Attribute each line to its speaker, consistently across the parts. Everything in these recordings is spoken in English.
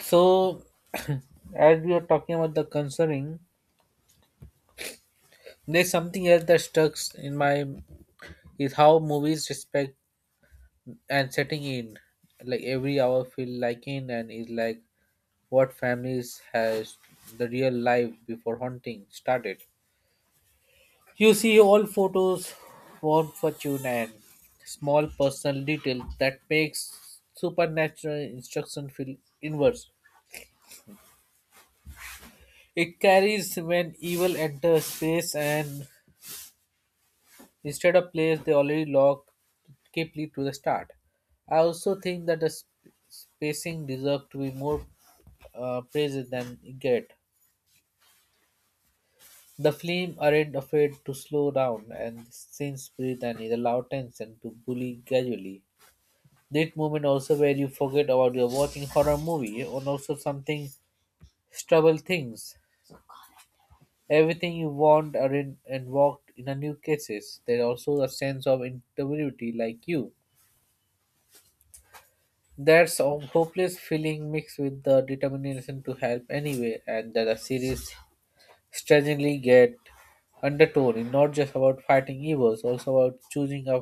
Speaker 1: So, as we are talking about the concerning, there's something else that stuck in my is how movies respect and setting in. Like every hour feel like in and is like what families has the real life before hunting started. You see all photos, warm fortune and small personal detail that makes supernatural instruction feel inverse. It carries when evil enters space and instead of players they already locked Kepley to the start. I also think that the spacing deserved to be more praised than it get. The flame aren't afraid to slow down and since breathe and it allow tension to bully gradually. That moment also where you forget about you're watching horror movie and also something trouble things. Everything you want are in and walked in a new cases. There also a sense of integrity like you. That's a hopeless feeling mixed with the determination to help anyway, and that the series strangely get undertone in not just about fighting evils, also about choosing a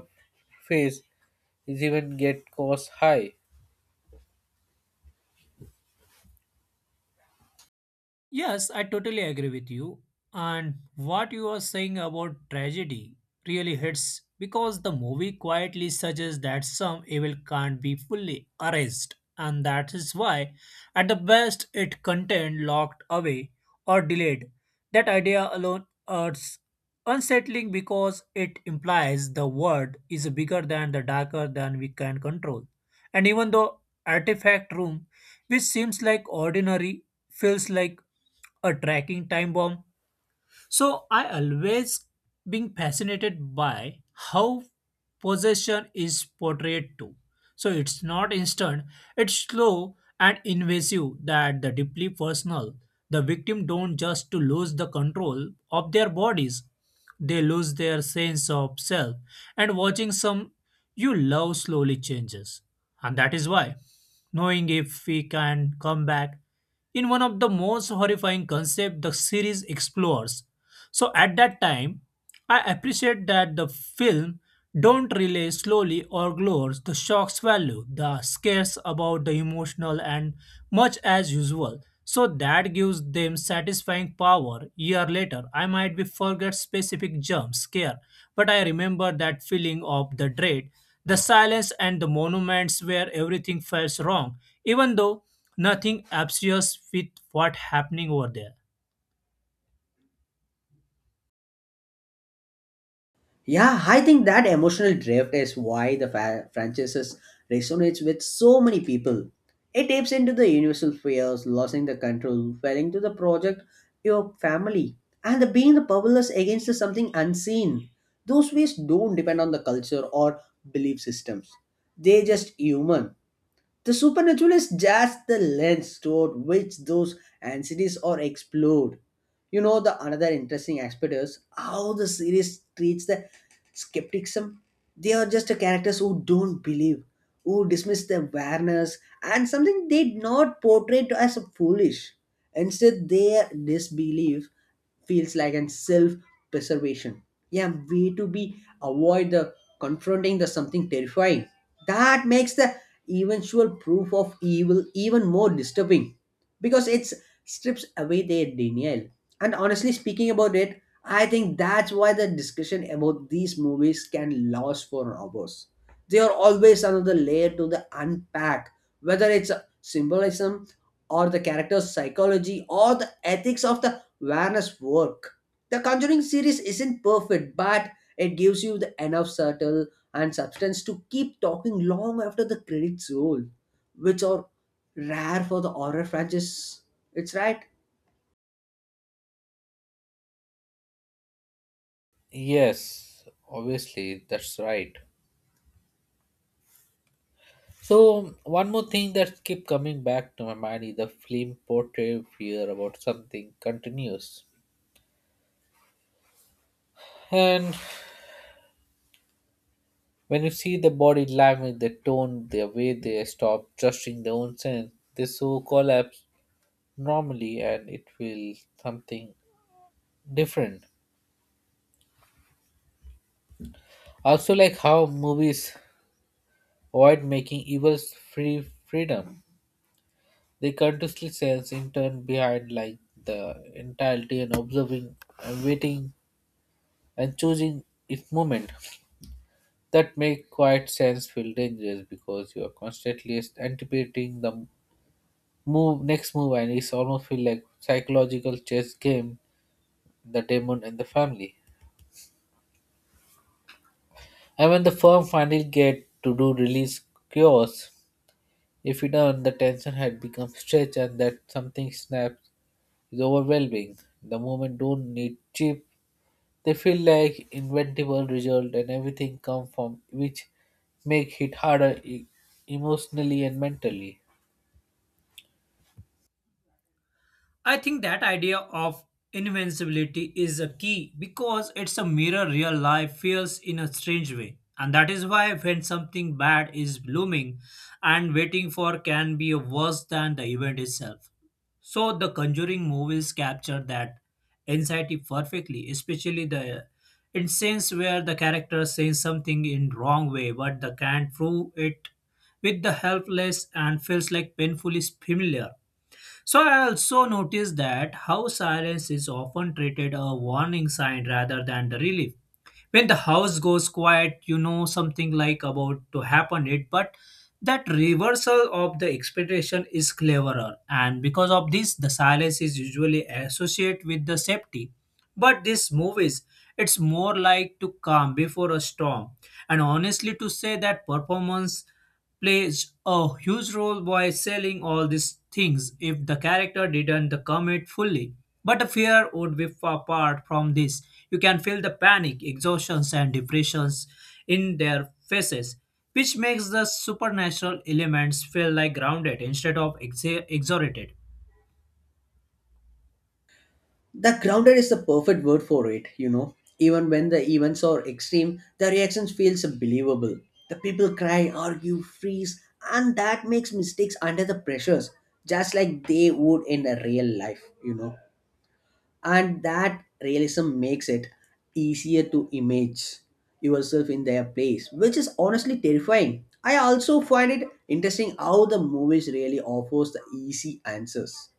Speaker 1: face is even get cost high.
Speaker 2: Yes, I totally agree with you. And what you are saying about tragedy really hits because the movie quietly suggests that some evil can't be fully erased, and that is why, at the best, it contained locked away or delayed. That idea alone is unsettling because it implies the world is bigger than the darker than we can control. And even though artifact room which seems like ordinary feels like a tracking time bomb, so I always being fascinated by how possession is portrayed too. So it's not instant, it's slow and invasive that the deeply personal. The victim don't just to lose the control of their bodies. They lose their sense of self, and watching some you love slowly changes. And that is why knowing if we can come back in one of the most horrifying concepts the series explores, so at that time, I appreciate that the film don't relay slowly or glores the shock's value, the scares about the emotional and much as usual. So that gives them satisfying power. Year later, I might be forget specific jump scare, but I remember that feeling of the dread, the silence and the monuments where everything felt wrong, even though nothing obscures with what happening over there.
Speaker 3: Yeah, I think that emotional drift is why the franchise resonates with so many people. It taps into the universal fears, losing the control, failing to the project, your family, and the being the powerless against the something unseen. Those fears don't depend on the culture or belief systems. They're just human. The supernatural is just the lens toward which those anxieties are explored. The another interesting aspect is how the series treats the skepticism. They are just the characters who don't believe, who dismiss the awareness and something they did not portray to as foolish. Instead, their disbelief feels like an self-preservation. Yeah, way to be avoid the confronting the something terrifying. That makes the eventual proof of evil even more disturbing because it strips away their denial. And honestly speaking about it, I think that's why the discussion about these movies can last for hours. They are always another layer to the unpack, whether it's symbolism or the character's psychology or the ethics of the Warner's work. The Conjuring series isn't perfect, but it gives you the enough subtle and substance to keep talking long after the credits roll, which are rare for the horror franchise. It's right.
Speaker 1: Yes, obviously that's right. So one more thing that keep coming back to my mind is the film portray fear about something continuous. And when you see the body language, the tone, the way they stop trusting their own sense, they so collapse normally and it will something different. Also like how movies avoid making evils freedom. They continuously sense in turn behind like the entirety and observing and waiting and choosing its moment. That make quiet sense feel dangerous because you are constantly anticipating the move next move and it's almost feel like psychological chess game the demon and the family and when the firm finally get to do release cures if you done the tension had become stretched and that something snaps is overwhelming the moment don't need cheap they feel like inventable result and everything come from which make hit harder emotionally and mentally.
Speaker 2: I think that idea of invincibility is a key because it's a mirror real life feels in a strange way. And that is why when something bad is blooming and waiting for can be worse than the event itself. So the conjuring movies capture that anxiety perfectly, especially the instance where the character says something in wrong way but they can't prove it with the helpless and feels like painfully familiar. So I also noticed that house silence is often treated a warning sign rather than the relief. When the house goes quiet, you know something like about to happen it, but that reversal of the expectation is cleverer. And because of this, the silence is usually associated with the safety. But this movies, it's more like to calm before a storm. And honestly, to say that performance plays a huge role by selling all these things if the character didn't commit fully. But the fear would be far apart from this. You can feel the panic, exhaustions, and depressions in their faces, which makes the supernatural elements feel like grounded instead of exhorted.
Speaker 3: The grounded is the perfect word for it. Even when the events are extreme, the reactions feels believable. The people cry, argue, freeze, and that makes mistakes under the pressures, just like they would in a real life. And that realism makes it easier to image yourself in their place, which is honestly terrifying. I also find it interesting how the movies really offers the easy answers.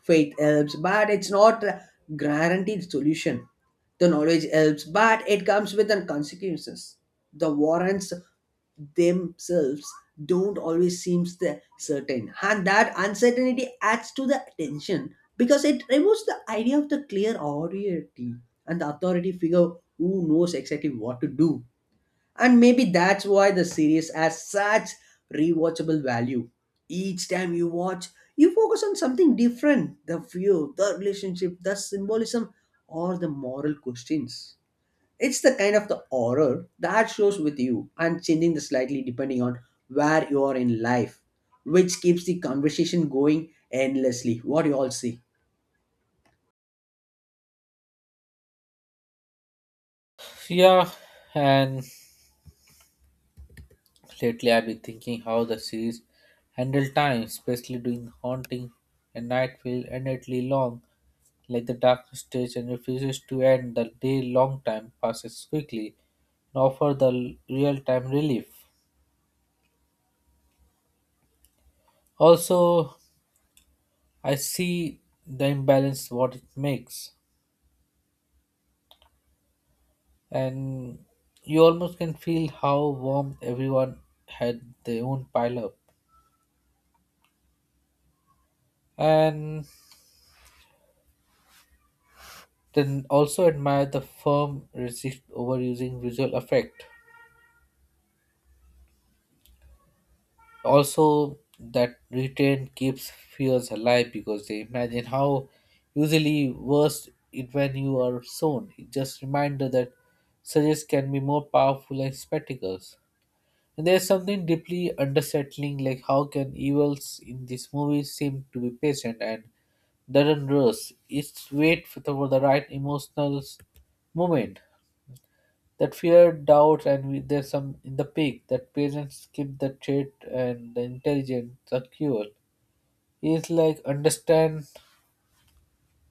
Speaker 3: Faith helps, but it's not a guaranteed solution. The knowledge helps, but it comes with the consequences. The warrants themselves don't always seem certain, and that uncertainty adds to the tension because it removes the idea of the clear authority and the authority figure who knows exactly what to do. And maybe that's why the series has such rewatchable value. Each time you watch, you focus on something different the view, the relationship, the symbolism, or the moral questions. It's the kind of the horror that shows with you and changing the slightly depending on where you are in life, which keeps the conversation going endlessly. What do you all see?
Speaker 1: Yeah, and lately, I've been thinking how the series handle time, especially during haunting and night feel endlessly long, like the darkness stage and refuses to end. The day long time passes quickly and offer the real time relief. Also, I see the imbalance what it makes, and you almost can feel how warm everyone had their own pile up. And then also admire the firm resist overusing visual effect. Also, that retain keeps fears alive because they imagine how usually worse it when you are shown. It just reminder that suggests can be more powerful as spectacles. And there's something deeply unsettling, like how can evils in this movie seem to be patient and doesn't rush. It's wait for for the right emotional moment. That fear, doubt, and we, there's some in the pig. That parents keep the trait and the intelligence secure. Is like understand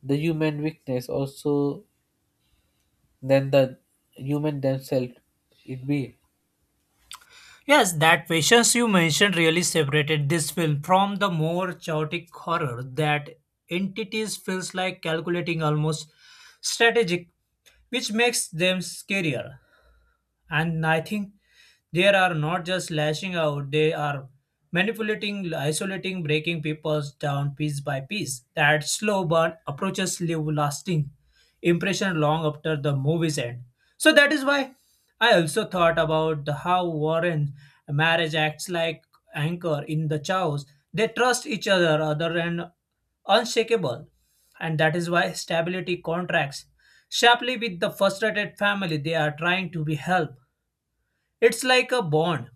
Speaker 1: the human weakness also than the human themselves. It be
Speaker 2: Yes, that patience you mentioned really separated this film from the more chaotic horror that entities feels like calculating almost strategic, which makes them scarier. And I think they are not just lashing out, they are manipulating, isolating, breaking people down piece by piece. That slow burn approaches leave lasting impression long after the movie's end. So that is why I also thought about the how Warren marriage acts like anchor in the chaos. They trust each other other than unshakable. And that is why stability contracts sharply with the frustrated family they are trying to be help. It's like a bond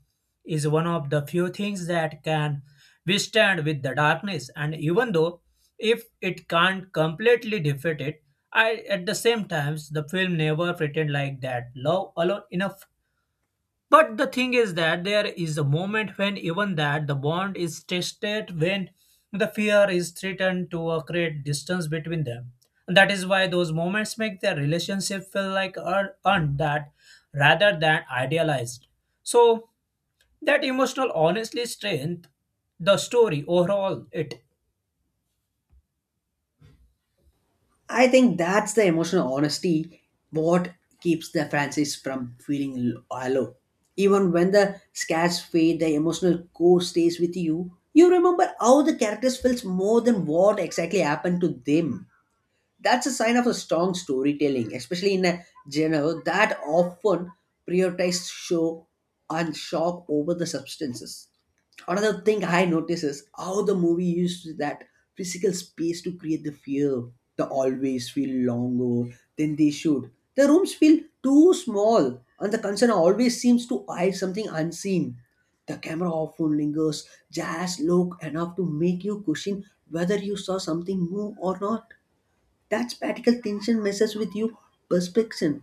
Speaker 2: is one of the few things that can withstand with the darkness, and even though if it can't completely defeat it, I at the same times the film never pretend like that love alone enough. But the thing is that there is a moment when even that the bond is tested when the fear is threatened to create distance between them. And that is why those moments make their relationship feel like earned that rather than idealized. So that emotional honestly strength the story overall it.
Speaker 3: I think that's the emotional honesty what keeps the Francis from feeling hollow. Even when the scars fade, the emotional core stays with you. You remember how the characters felt more than what exactly happened to them. That's a sign of a strong storytelling, especially in a genre that often prioritizes show and shock over the substances. Another thing I notice is how the movie used that physical space to create the fear. The always feel longer than they should. The rooms feel too small, and the concern always seems to hide something unseen. The camera often lingers just long enough to make you question whether you saw something move or not. That spatial tension messes with you perception.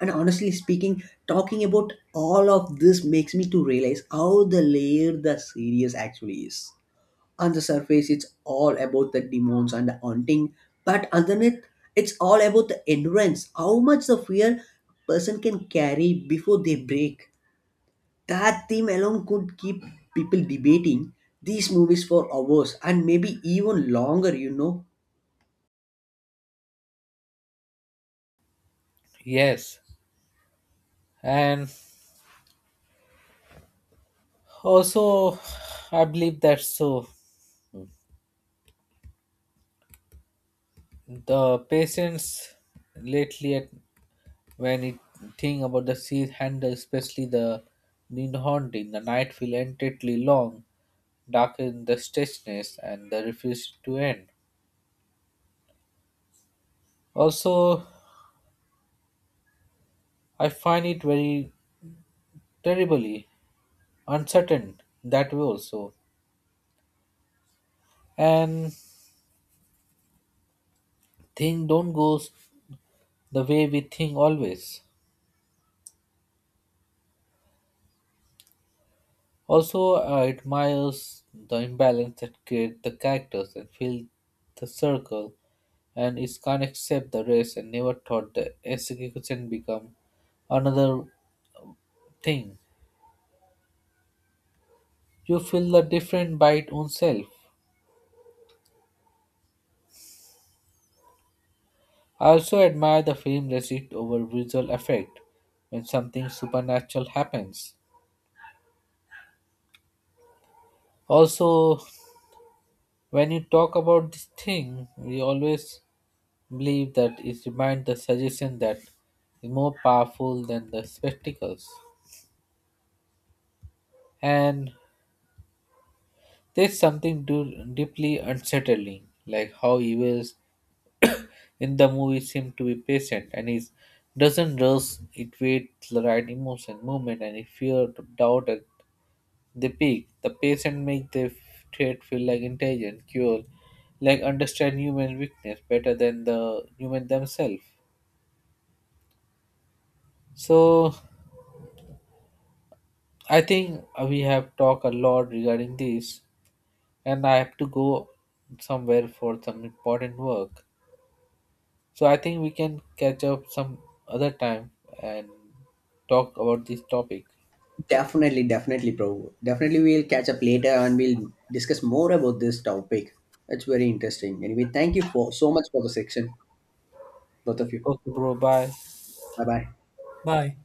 Speaker 3: And honestly speaking, talking about all of this makes me to realize how the layer the series actually is. On the surface, it's all about the demons and the haunting, but underneath, it's all about the endurance, how much the fear person can carry before they break. That theme alone could keep people debating these movies for hours and maybe even longer.
Speaker 1: yes, and also I believe that so the patients lately at when it think about the sea handle, especially the Ninhorn haunting the night feel entirely long darken the stretchness and the refuse to end. Also, I find it very terribly uncertain that way also. And thing don't goes the way we think always. Also, I admires the imbalance that create the characters and fill the circle and it can't accept the race and never thought the execution become another thing. You feel the different by its own self. I also admire the film receipt over visual effect when something supernatural happens. Also, when you talk about this thing, we always believe that it reminds the suggestion that is more powerful than the spectacles. And there's something deeply unsettling, like how evils in the movie seem to be patient and is doesn't rush it waits the right emotion moment and if fear doubt they pick the patient, make the trait feel like intelligent, cure, like understand human weakness better than the human themselves. So I think we have talked a lot regarding this, and I have to go somewhere for some important work. So I think we can catch up some other time and talk about this topic.
Speaker 3: Definitely, definitely, bro. Definitely, we'll catch up later and we'll discuss more about this topic. It's very interesting. Anyway, thank you for so much for the section, both of you.
Speaker 1: Okay, bro. Bye.
Speaker 3: Bye bye.
Speaker 2: Bye.